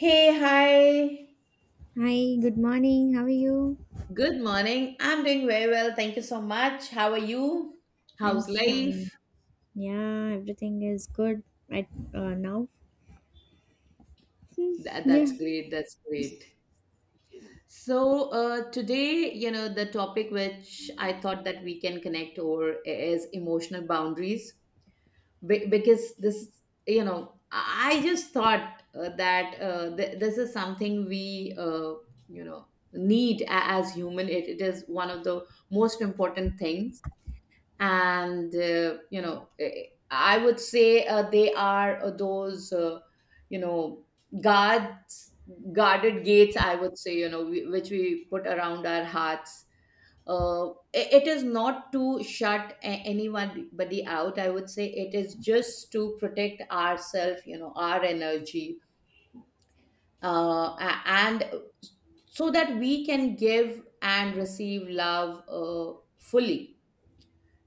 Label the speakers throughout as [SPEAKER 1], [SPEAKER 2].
[SPEAKER 1] Hey, hi.
[SPEAKER 2] Hi, good morning. How are you?
[SPEAKER 1] Good morning. I'm doing very well. Thank you so much. How are you?
[SPEAKER 2] I'm
[SPEAKER 1] How's
[SPEAKER 2] fine.
[SPEAKER 1] life?
[SPEAKER 2] Yeah, everything is good right now.
[SPEAKER 1] That,
[SPEAKER 2] Yeah.
[SPEAKER 1] that's great. That's great. So, today, you know, the topic which I thought that we can connect over is emotional boundaries. Because this, you know, I just thought that this is something we you know, need a- as human. It is one of the most important things, and you know I would say they are those, you know, guards, guarded gates, I would say, you know, which we put around our hearts. It is not to shut anyone body out, I would say. It is just to protect ourselves, you know, our energy. And so that we can give and receive love fully,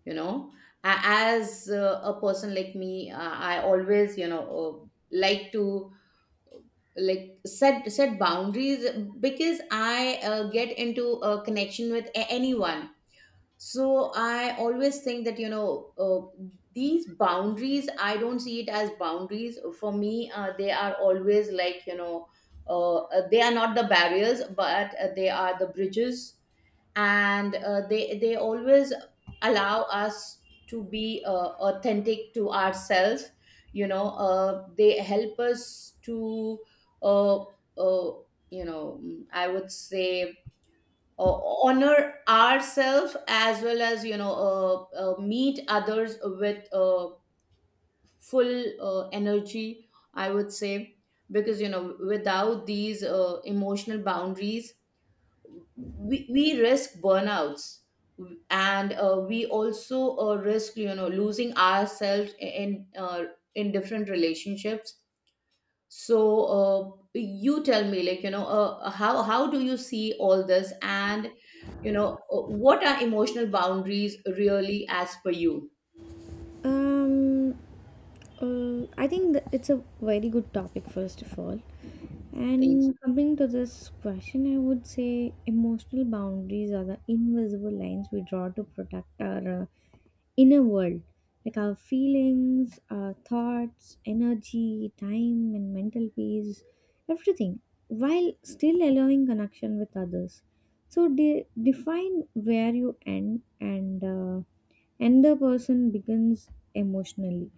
[SPEAKER 1] you know. As a person like me, I always, you know, like to uh, like set boundaries, because I get into a connection with anyone. So I always think that, you know, uh, these boundaries, I don't see it as boundaries for me. They are always like, you know, they are not the barriers, but they are the bridges. And they always allow us to be authentic to ourselves. You know, they help us to uh, uh, you know, I would say, honor ourselves as well as, you know, meet others with full energy, I would say. Because, you know, without these emotional boundaries, we risk burnouts, and we also risk, you know, losing ourselves in different relationships. So you tell me, like, you know, how do you see all this, and you know, what are emotional boundaries really, as per you?
[SPEAKER 2] Um, I think that it's a very good topic, first of all.
[SPEAKER 1] Thank you.
[SPEAKER 2] And coming to this question, I would say emotional boundaries are the invisible lines we draw to protect our inner world, like our feelings, our thoughts, energy, time, and mental peace, everything, while still allowing connection with others. So, define where you end and the person begins emotionally.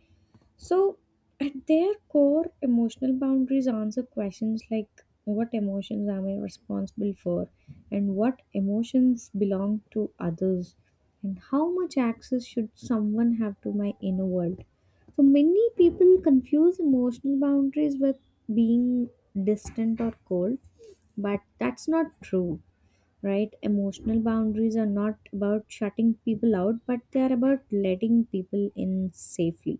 [SPEAKER 2] So, at their core, emotional boundaries answer questions like what emotions am I responsible for, and what emotions belong to others, and how much access should someone have to my inner world. So, many people confuse emotional boundaries with being distant or cold, but that's not true, right? Emotional boundaries are not about shutting people out, but they are about letting people in safely.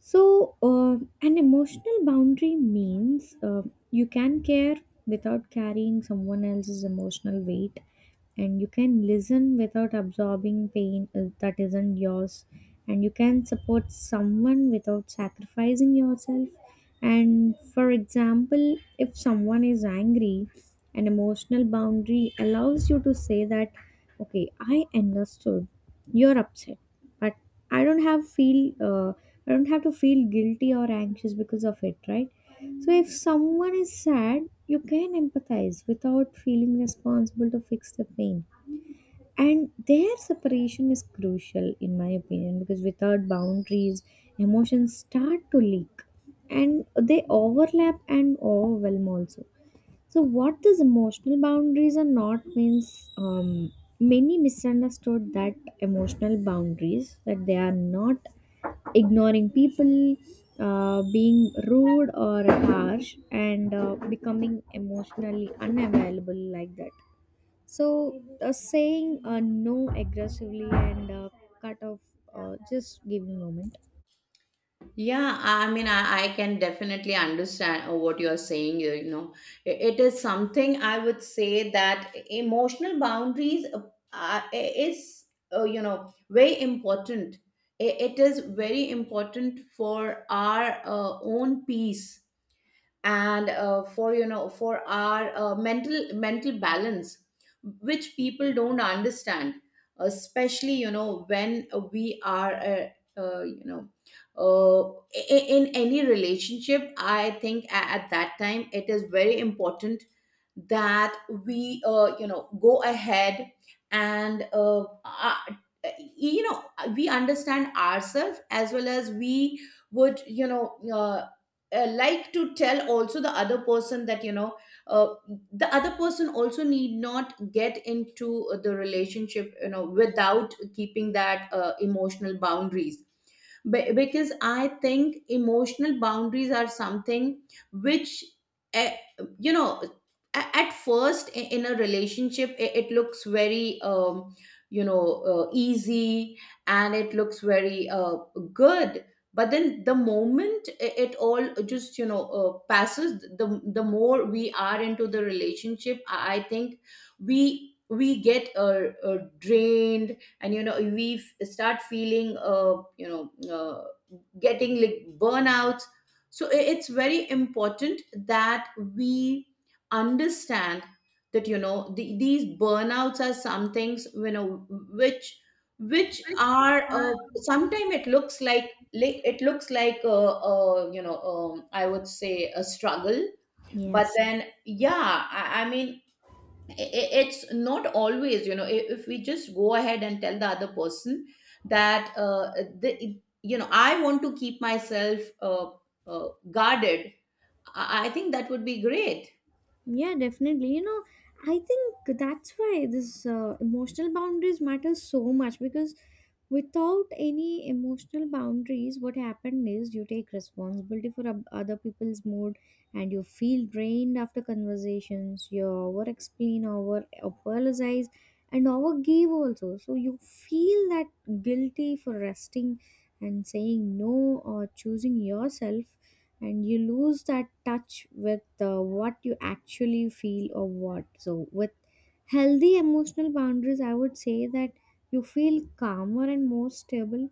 [SPEAKER 2] So, an emotional boundary means you can care without carrying someone else's emotional weight, and you can listen without absorbing pain that isn't yours, and you can support someone without sacrificing yourself. And for example, if someone is angry, an emotional boundary allows you to say that, okay, I understood you're upset, but I don't have feel uh, I don't have to feel guilty or anxious because of it, right? So if someone is sad, you can empathize without feeling responsible to fix the pain. And their separation is crucial in my opinion because without boundaries, emotions start to leak and they overlap and overwhelm also. So, what these emotional boundaries are not means many misunderstood that emotional boundaries that they are not ignoring people, being rude or harsh, and becoming emotionally unavailable like that. So, saying no aggressively and cut off just giving moment.
[SPEAKER 1] Yeah, I mean, I can definitely understand what you're saying. You know, it is something, I would say, that emotional boundaries, is, you know, very important. It is very important for our own peace, and for, you know, for our mental balance, which people don't understand, especially, you know, when we are you know, uh, in any relationship. I think at that time it is very important that we you know, go ahead, and you know, we understand ourselves, as well as we would, you know, like to tell also the other person that, you know, uh, the other person also need not get into the relationship, you know, without keeping that emotional boundaries. Because I think emotional boundaries are something which uh, you know, at first, in a relationship, it looks very, you know, easy, and it looks very good. But then the moment it all just, you know, passes, the more we are into the relationship, I think we get drained, and you know, we start feeling, you know, getting like burnouts. So it's very important that we understand that, you know, these burnouts are some things, you know, which which are sometimes it looks like, it looks like a you know, I would say, a struggle. But
[SPEAKER 2] Yes.
[SPEAKER 1] then, yeah, I mean, it's not always, you know, if we just go ahead and tell the other person that you know, I want to keep myself guarded, I think that would be great.
[SPEAKER 2] Yeah, definitely. You know, I think that's why this emotional boundaries matter so much because without any emotional boundaries, what happened is you take responsibility for other people's mood and you feel drained after conversations. You over explain, over apologize, and over give also. So you feel that guilty for resting and saying no or choosing yourself, and you lose that touch with what you actually feel or what. So with healthy emotional boundaries, I would say that you feel calmer and more stable,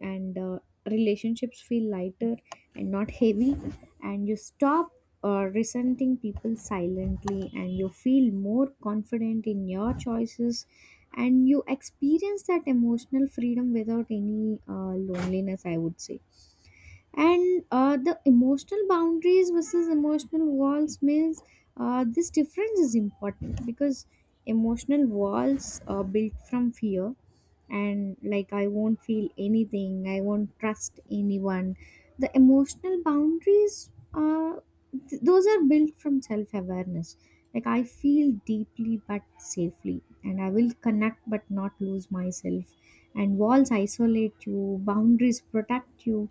[SPEAKER 2] and relationships feel lighter and not heavy, and you stop resenting people silently, and you feel more confident in your choices, and you experience that emotional freedom without any loneliness, I would say. And the emotional boundaries versus emotional walls means this difference is important because emotional walls are built from fear and like I won't feel anything, I won't trust anyone. The emotional boundaries, those are built from self-awareness, like I feel deeply but safely, and I will connect but not lose myself. And walls isolate you, boundaries protect you.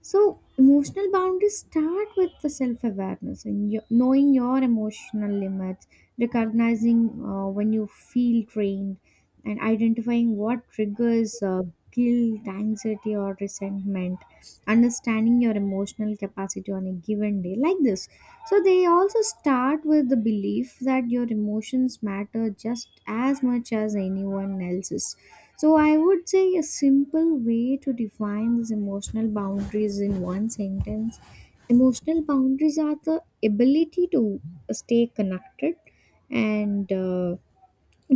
[SPEAKER 2] So, emotional boundaries start with the self awareness and knowing your emotional limits, recognizing when you feel drained, and identifying what triggers guilt, anxiety, or resentment, understanding your emotional capacity on a given day, like this. So they also start with the belief that your emotions matter just as much as anyone else's. So I would say a simple way to define these emotional boundaries in one sentence. Emotional boundaries are the ability to stay connected and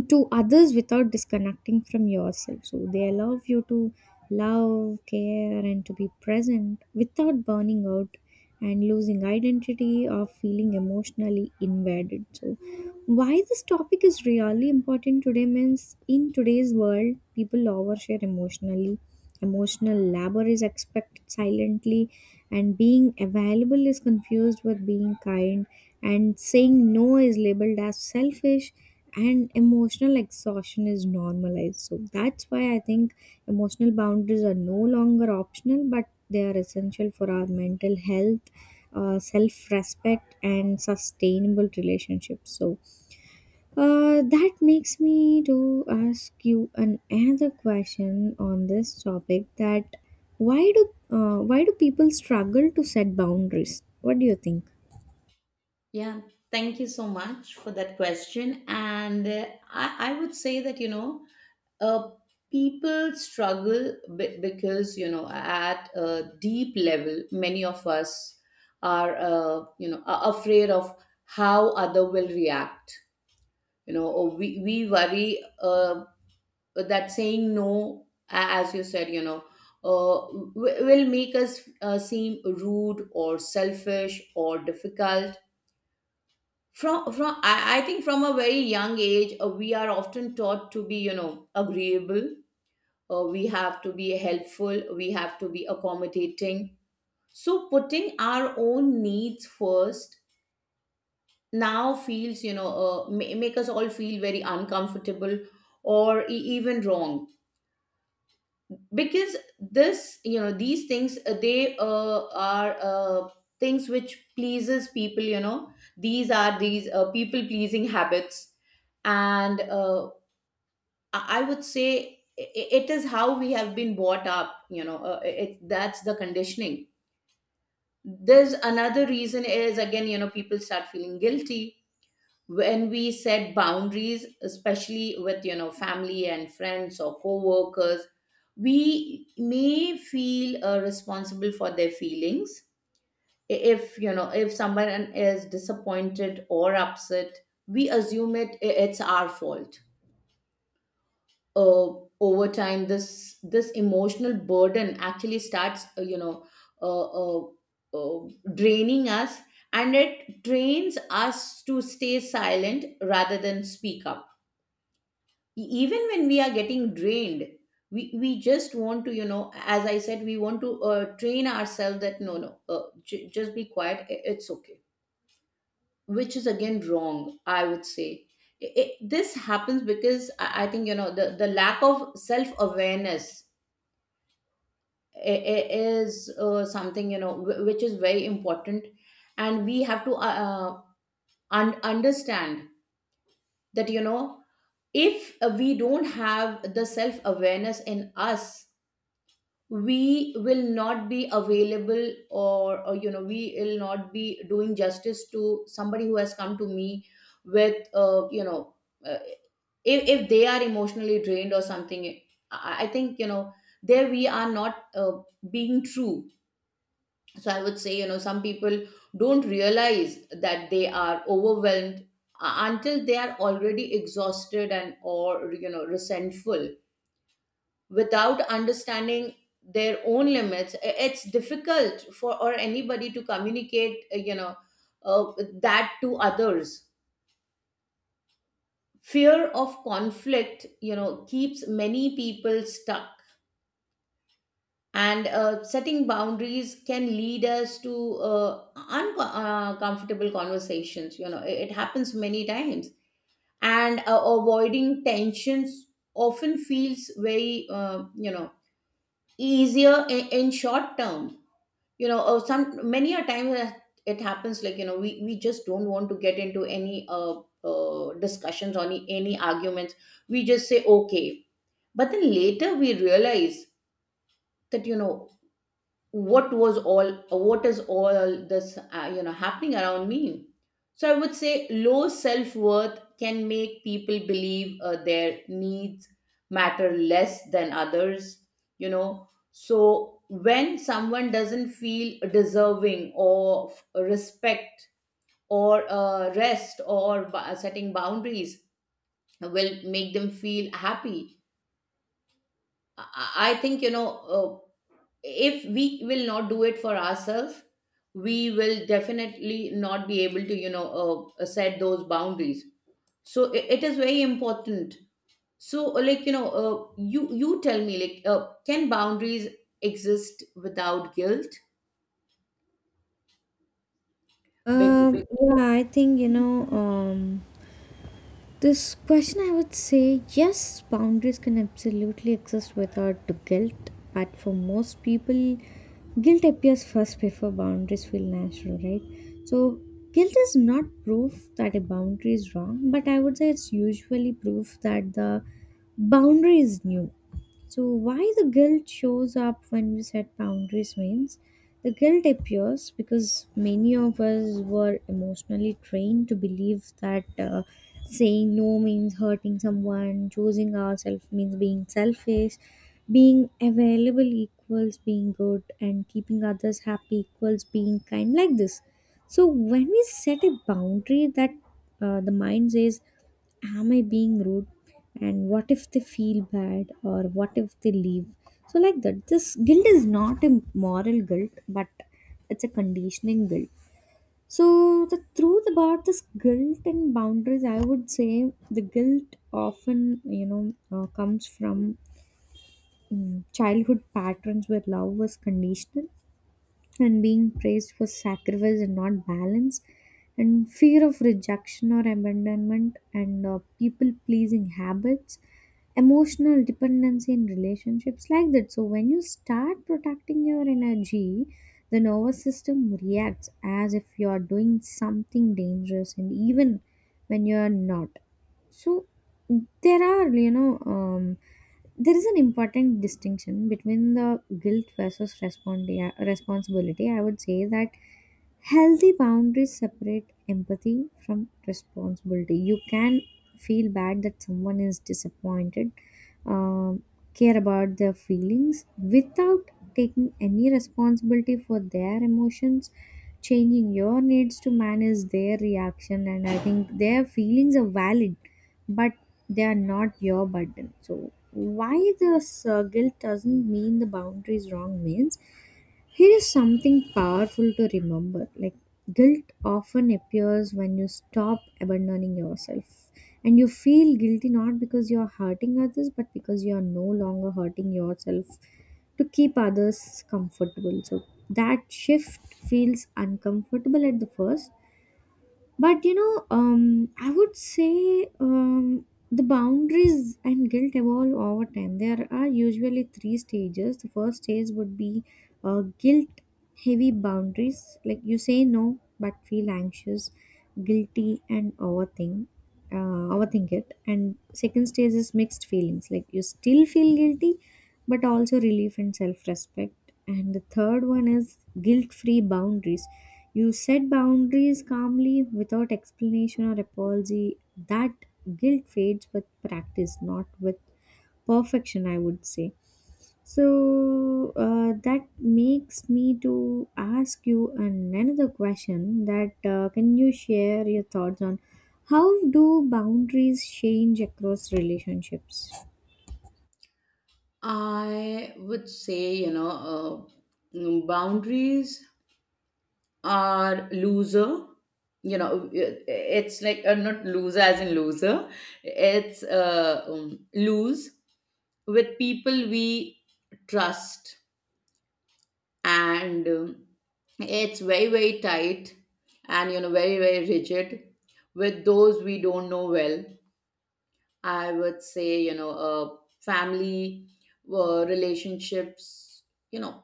[SPEAKER 2] to others without disconnecting from yourself. So they allow you to love, care, and to be present without burning out and losing identity or feeling emotionally invaded. So, why this topic is really important today means in today's world, people overshare emotionally. Emotional labor is expected silently, and being available is confused with being kind, and saying no is labeled as selfish, and emotional exhaustion is normalized. So that's why I think emotional boundaries are no longer optional, but they are essential for our mental health, self-respect and sustainable relationships. So that makes me to ask you another question on this topic, that why do people struggle to set boundaries, what do you think?
[SPEAKER 1] Yeah, thank you so much for that question. And I would say that, you know, uh, people struggle because, you know, at a deep level, many of us are you know, afraid of how other will react, you know, or we worry that saying no, as you said, you know, uh, will make us seem rude or selfish or difficult. I think from a very young age, we are often taught to be, you know, agreeable. We have to be helpful, we have to be accommodating. So putting our own needs first now feels, you know, make us all feel very uncomfortable, or even wrong, because this, you know, these things, they are things which pleases people. You know, these are these people pleasing habits. And I would say it is how we have been brought up, you know, that's the conditioning. There's another reason, is again, you know, people start feeling guilty when we set boundaries, especially with, you know, family and friends or co-workers. We may feel responsible for their feelings. If, you know, if someone is disappointed or upset, we assume it's our fault. uh, Over time, this emotional burden actually starts you know, uh, uh, uh, draining us, and it trains us to stay silent rather than speak up. Even when we are getting drained, we just want to, you know, as I said, we want to train ourselves that no, no, just be quiet, it's okay, which is again wrong, I would say. This happens because I think, you know, the lack of self-awareness is something, you know, wh- which is very important. And we have to understand that, you know, if we don't have the self awareness in us, we will not be available, or you know, we will not be doing justice to somebody who has come to me with you know, uh, if they are emotionally drained or something. I think, you know, there we are not being true. So I would say, you know, some people don't realize that they are overwhelmed until they are already exhausted, and or, you know, resentful. Without understanding their own limits, it's difficult for or anybody to communicate, you know, uh, that to others. Fear of conflict, you know, keeps many people stuck. And setting boundaries can lead us to uncomfortable conversations, you know, it happens many times. And avoiding tensions often feels very you know, easier in short term. You know, some many a time that it happens, like, you know, we just don't want to get into any discussions or any arguments. We just say okay, but then later we realize that, you know, what was all, what is all this you know, happening around me. So I would say low self-worth can make people believe their needs matter less than others, you know. So when someone doesn't feel deserving of respect, or rest, or setting boundaries will make them feel happy. I think, you know, uh, if we will not do it for ourselves, we will definitely not be able to, you know, set those boundaries. So it is very important. So, like, you know, you you tell me, like, can boundaries exist without guilt? Because
[SPEAKER 2] Yeah, I think, you know, this question I would say yes, boundaries can absolutely exist without the guilt, but for most people, guilt appears first before boundaries feel natural, right? So, guilt is not proof that a boundary is wrong, but I would say it's usually proof that the boundary is new. So, why the guilt shows up when we set boundaries means the guilt appears because many of us were emotionally trained to believe that saying no means hurting someone, choosing ourselves means being selfish, being available equals being good, and keeping others happy equals being kind, like this. So, when we set a boundary that the mind says, am I being rude? And what if they feel bad or what if they leave? So, like that, this guilt is not a moral guilt, but it's a conditioning guilt. So, the truth about this guilt and boundaries, I would say the guilt often, you know, comes from childhood patterns where love was conditional, and being praised for sacrifice and not balance, and fear of rejection or abandonment, and people pleasing habits, emotional dependency in relationships, like that. So when you start protecting your energy, the nervous system reacts as if you are doing something dangerous, and even when you are not. So there are, you know, there is an important distinction between the guilt versus responsibility. I would say that healthy boundaries separate empathy from responsibility. You can feel bad that someone is disappointed, um, care about their feelings without taking any responsibility for their emotions. Changing your needs to manage their reaction, and I think their feelings are valid but they are not your burden. So why this guilt doesn't mean the boundary is wrong means here is something powerful to remember. Like guilt often appears when you stop abandoning yourself. And you feel guilty not because you're hurting others, but because you are no longer hurting yourself to keep others comfortable. So that shift feels uncomfortable at the first, but you know, I would say, the boundaries and guilt evolve over time. There are usually three stages. The first stage would be guilt heavy boundaries, like you say no but feel anxious, guilty and overthink it. And second stage is mixed feelings, like you still feel guilty but also relief and self respect. And the third one is guilt free boundaries. You set boundaries calmly without explanation or apology. That guilt fades with practice, not with perfection, I would say. So that makes me to ask you another question, that can you share your thoughts on how do boundaries change across relationships?
[SPEAKER 1] I would say, you know, boundaries are loser, you know. It's like, not loser as in loser, it's lose with people we trust. And it's very, very tight, and you know, very, very rigid with those we don't know well. I would say, you know, family relationships, you know,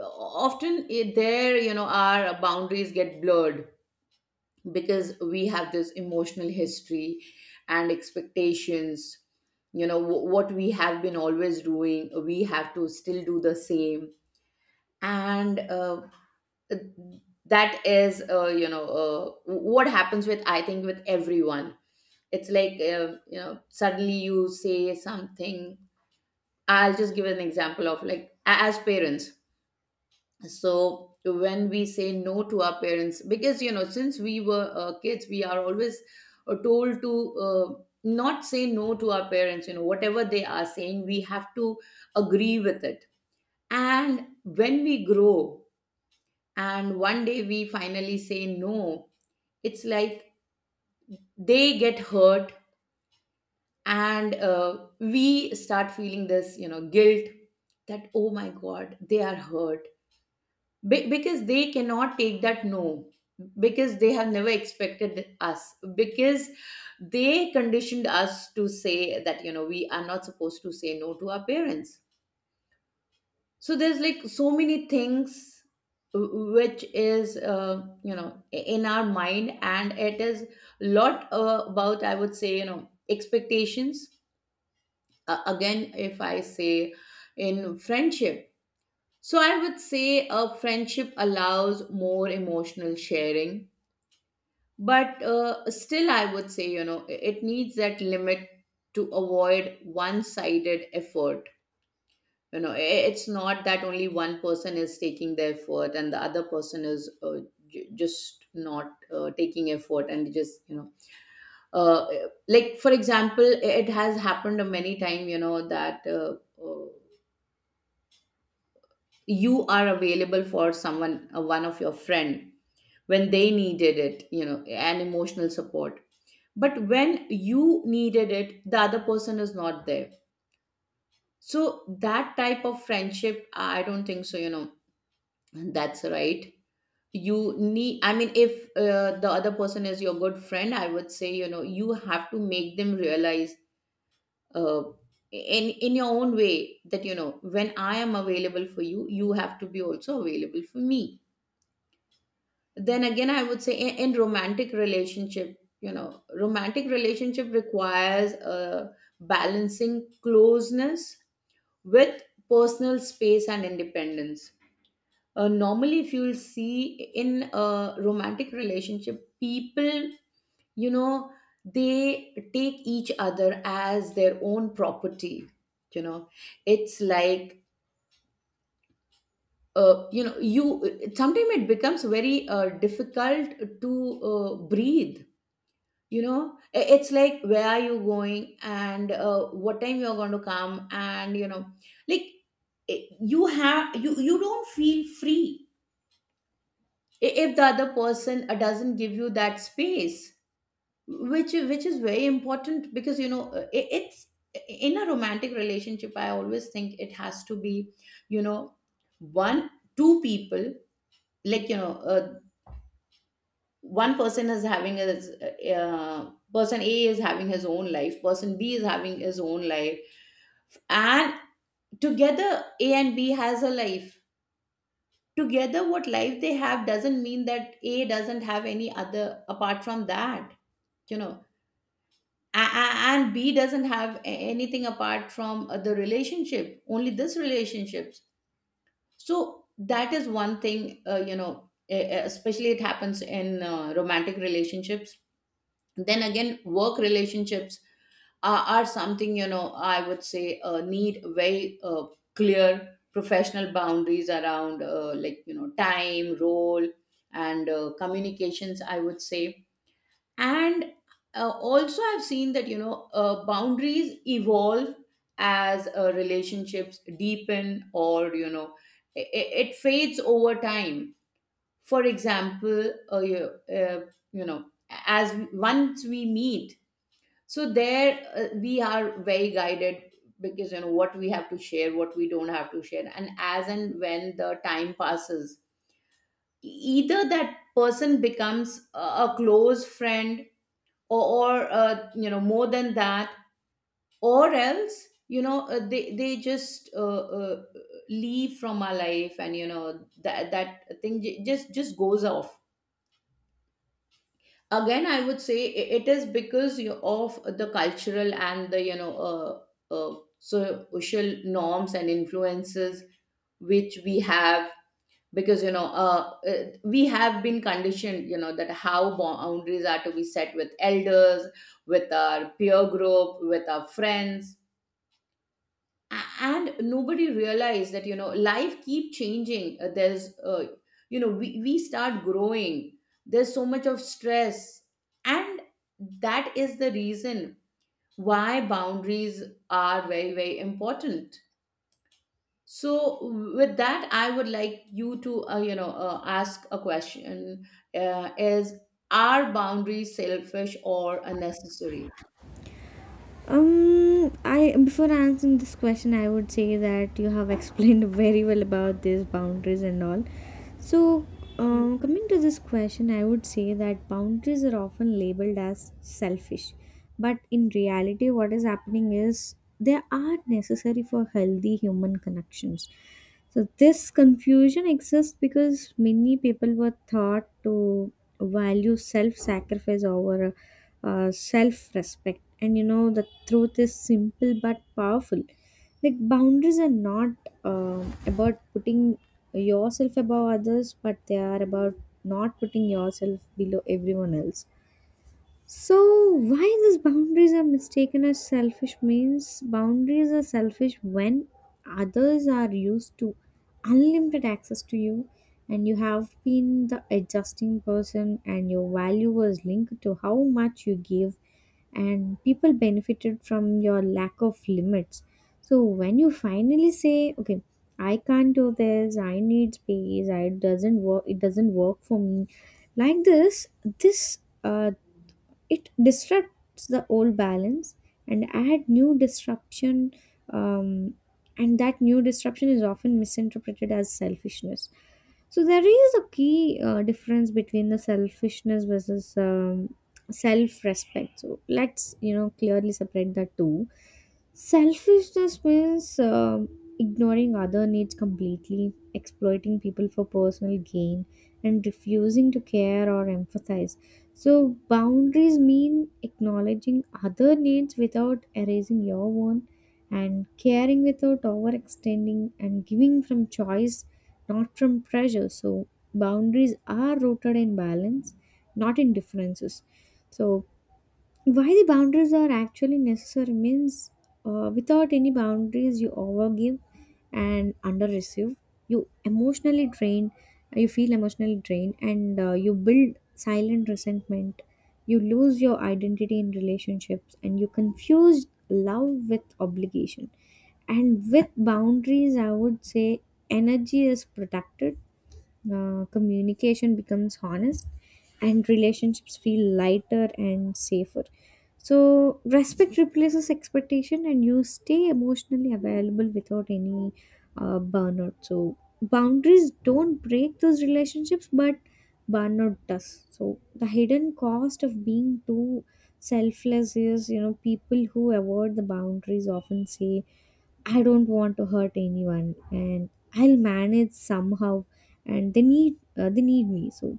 [SPEAKER 1] often there, you know, our boundaries get blurred because we have this emotional history and expectations. You know, what we have been always doing, we have to still do the same. And that is, you know, what happens with, I think, with everyone. It's like, you know, suddenly you say something. I'll just give an example of like, as parents. So when we say no to our parents, because, you know, since we were kids, we are always told to not say no to our parents. You know, whatever they are saying, we have to agree with it. And when we grow, and one day we finally say no, it's like they get hurt. And we start feeling this, you know, guilt, that oh my god, they are hurt. Because they cannot take that no, because they have never expected us, because they conditioned us to say that, you know, we are not supposed to say no to our parents. So there's like so many things which is, you know, in our mind, and it is lot about, I would say, you know, expectations. Again, if I say in friendship, so I would say a friendship allows more emotional sharing, but still, I would say, it needs that limit to avoid one sided effort. You know, it's not that only one person is taking the effort and the other person is just not taking effort and just, uh, like for example, it has happened many time, you know, that uh, you are available for someone, one of your friend when they needed it, you know, and emotional support. But when you needed it, the other person is not there. So that type of friendship, I don't think so, you know, that's right. You need, I mean, if the other person is your good friend, I would say, you know, you have to make them realize uh, in your own way that, you know, when I am available for you, you have to be also available for me. Then again, I would say, in romantic relationship, you know, romantic relationship requires a balancing closeness with personal space and independence. Normally if you'll see in a romantic relationship, people, you know, they take each other as their own property. You know, it's like, you know, you sometimes it becomes very difficult to breathe. You know, it's like, where are you going and what time you're going to come, and you know, like, you have, you don't feel free if the other person doesn't give you that space, which is very important, because, you know, it's, in a romantic relationship I always think it has to be, you know, one two people, like, one person is having his, person a is having his own life, person b is having his own life, and together a and b has a life. Together, what life they have doesn't mean that a doesn't have any other apart from that, you know. And b doesn't have anything apart from the relationship, only this relationships. So that is one thing. Especially it happens in romantic relationships. Then again, work relationships are something, you know, I would say need very clear professional boundaries around, like, you know, time, role, and communications, I would say. And also I've seen that, you know, boundaries evolve as relationships deepen, or, you know, it, it fades over time. For example, uh, you know as once we meet, so there we are very guided, because, you know, what we have to share, what we don't have to share. And as and when the time passes, e-, either that person becomes a close friend, or, or you know, more than that, or else, you know, they just leave from our life. And you know, that thing just goes off. Again, I would say it is because you of the cultural and the, you know, social norms and influences which we have. Because, you know, we have been conditioned, you know, that how boundaries are to be set with elders, with our peer group, with our friends, a- and nobody realized that, you know, life keep changing. There's you know, we start growing, there's so much of stress. And that is the reason why boundaries are very very important. So with that, I would like you to ask a question, is, are boundaries selfish or unnecessary?
[SPEAKER 2] I, before answering this question, I would say that you have explained very well about these boundaries and all. So,
[SPEAKER 1] Yeah.
[SPEAKER 2] coming to this question, I would say that boundaries are often labeled as selfish, but in reality, what is happening is they are necessary for healthy human connections. So this confusion exists because many people were taught to value self-sacrifice over self-respect, and you know the truth is simple but powerful. Like boundaries are not about putting yourself above others, but they are about not putting yourself below everyone else. So, why these boundaries are mistaken as selfish means boundaries are selfish when others are used to unlimited access to you, and you have been the adjusting person, and your value was linked to how much you give, and people benefited from your lack of limits. So, when you finally say, okay, I can't do this, I need space, I it doesn't work for me. Like this, this uh, it disrupts the old balance and add new disruption, um, and that new disruption is often misinterpreted as selfishness. So there is a key difference between the selfishness versus self-respect. So let's, you know, clearly separate the two. Selfishness means ignoring other needs completely, exploiting people for personal gain, and refusing to care or empathize. So boundaries mean acknowledging other needs without erasing your own, and caring without overextending, and giving from choice, not from pressure. So boundaries are rooted in balance, not in differences. So why the boundaries are actually necessary means without any boundaries you overgive and underreceive. You emotionally drain, you feel emotionally drained, and you build silent resentment. You lose your identity in relationships, and you confuse love with obligation, and with boundaries I would say energy is protected, communication becomes honest, and relationships feel lighter and safer. So respect replaces expectation, and you stay emotionally available without any burnout. So boundaries don't break those relationships, but burnout does. So the hidden cost of being too selfless is, you know, people who avoid the boundaries often say I don't want to hurt anyone, and I'll manage somehow, and they need me. So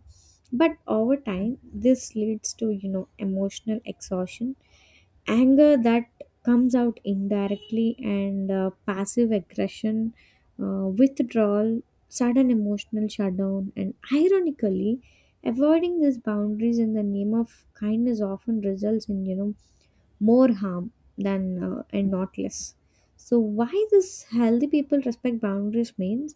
[SPEAKER 2] but over time this leads to, you know, emotional exhaustion, anger that comes out indirectly, and passive aggression, withdrawal, sudden emotional shutdown. And ironically, avoiding these boundaries in the name of kindness often results in, you know, more harm, than and not less. So why this healthy people respect boundaries means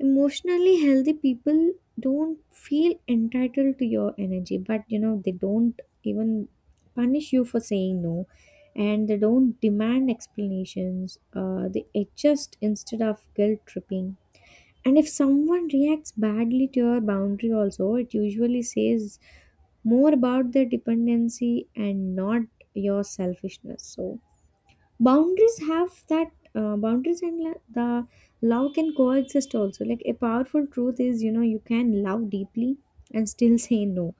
[SPEAKER 2] emotionally healthy people don't feel entitled to your energy, but you know, they don't even punish you for saying no, and they don't demand explanations. They adjust instead of guilt tripping. And if someone reacts badly to your boundary, also, it usually says more about their dependency and not your selfishness. So, boundaries have that the love can coexist also. Like a powerful truth is, you know, you can love deeply and still say no.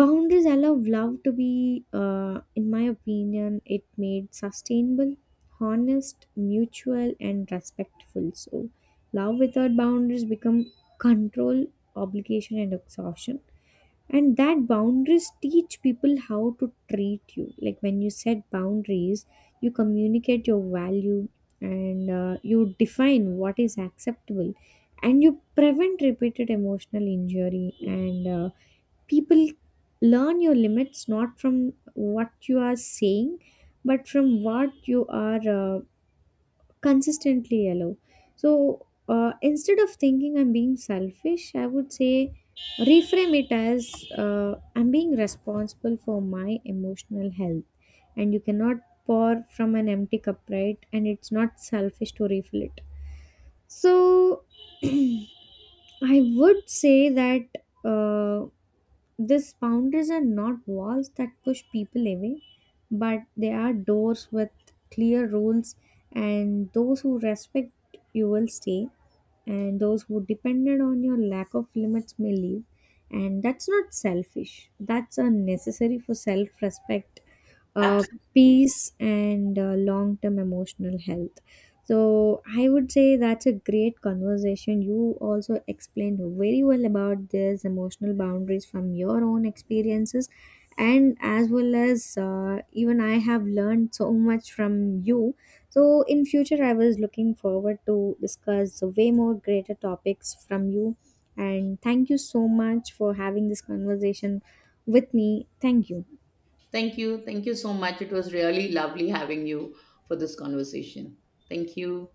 [SPEAKER 2] Boundaries allow love to be, in my opinion, it made sustainable, honest, mutual and respectful. So love without boundaries become control, obligation and exhaustion. And that boundaries teach people how to treat you, like when you set boundaries you communicate your value, and you define what is acceptable, and you prevent repeated emotional injury, and people learn your limits not from what you are saying, but from what you are consistently yellow. So instead of thinking I'm being selfish, I would say reframe it as I'm being responsible for my emotional health, and you cannot pour from an empty cup, right? And it's not selfish to refill it. So I would say that. Uh, these boundaries are not walls that push people away, but they are doors with clear rules, and those who respect you will stay, and those who depended on your lack of limits may leave. And that's not selfish, that's unnecessary for self respect, uh,
[SPEAKER 1] Absolutely.
[SPEAKER 2] peace, and long term emotional health. So I would say that's a great conversation. You also explained very well about this emotional boundaries from your own experiences, and as well as even I have learned so much from you. So in future, I was looking forward to discuss way more greater topics from you. And thank you so much for having this conversation with me. Thank you.
[SPEAKER 1] Thank you. Thank you so much. It was really lovely having you for this conversation. Thank you.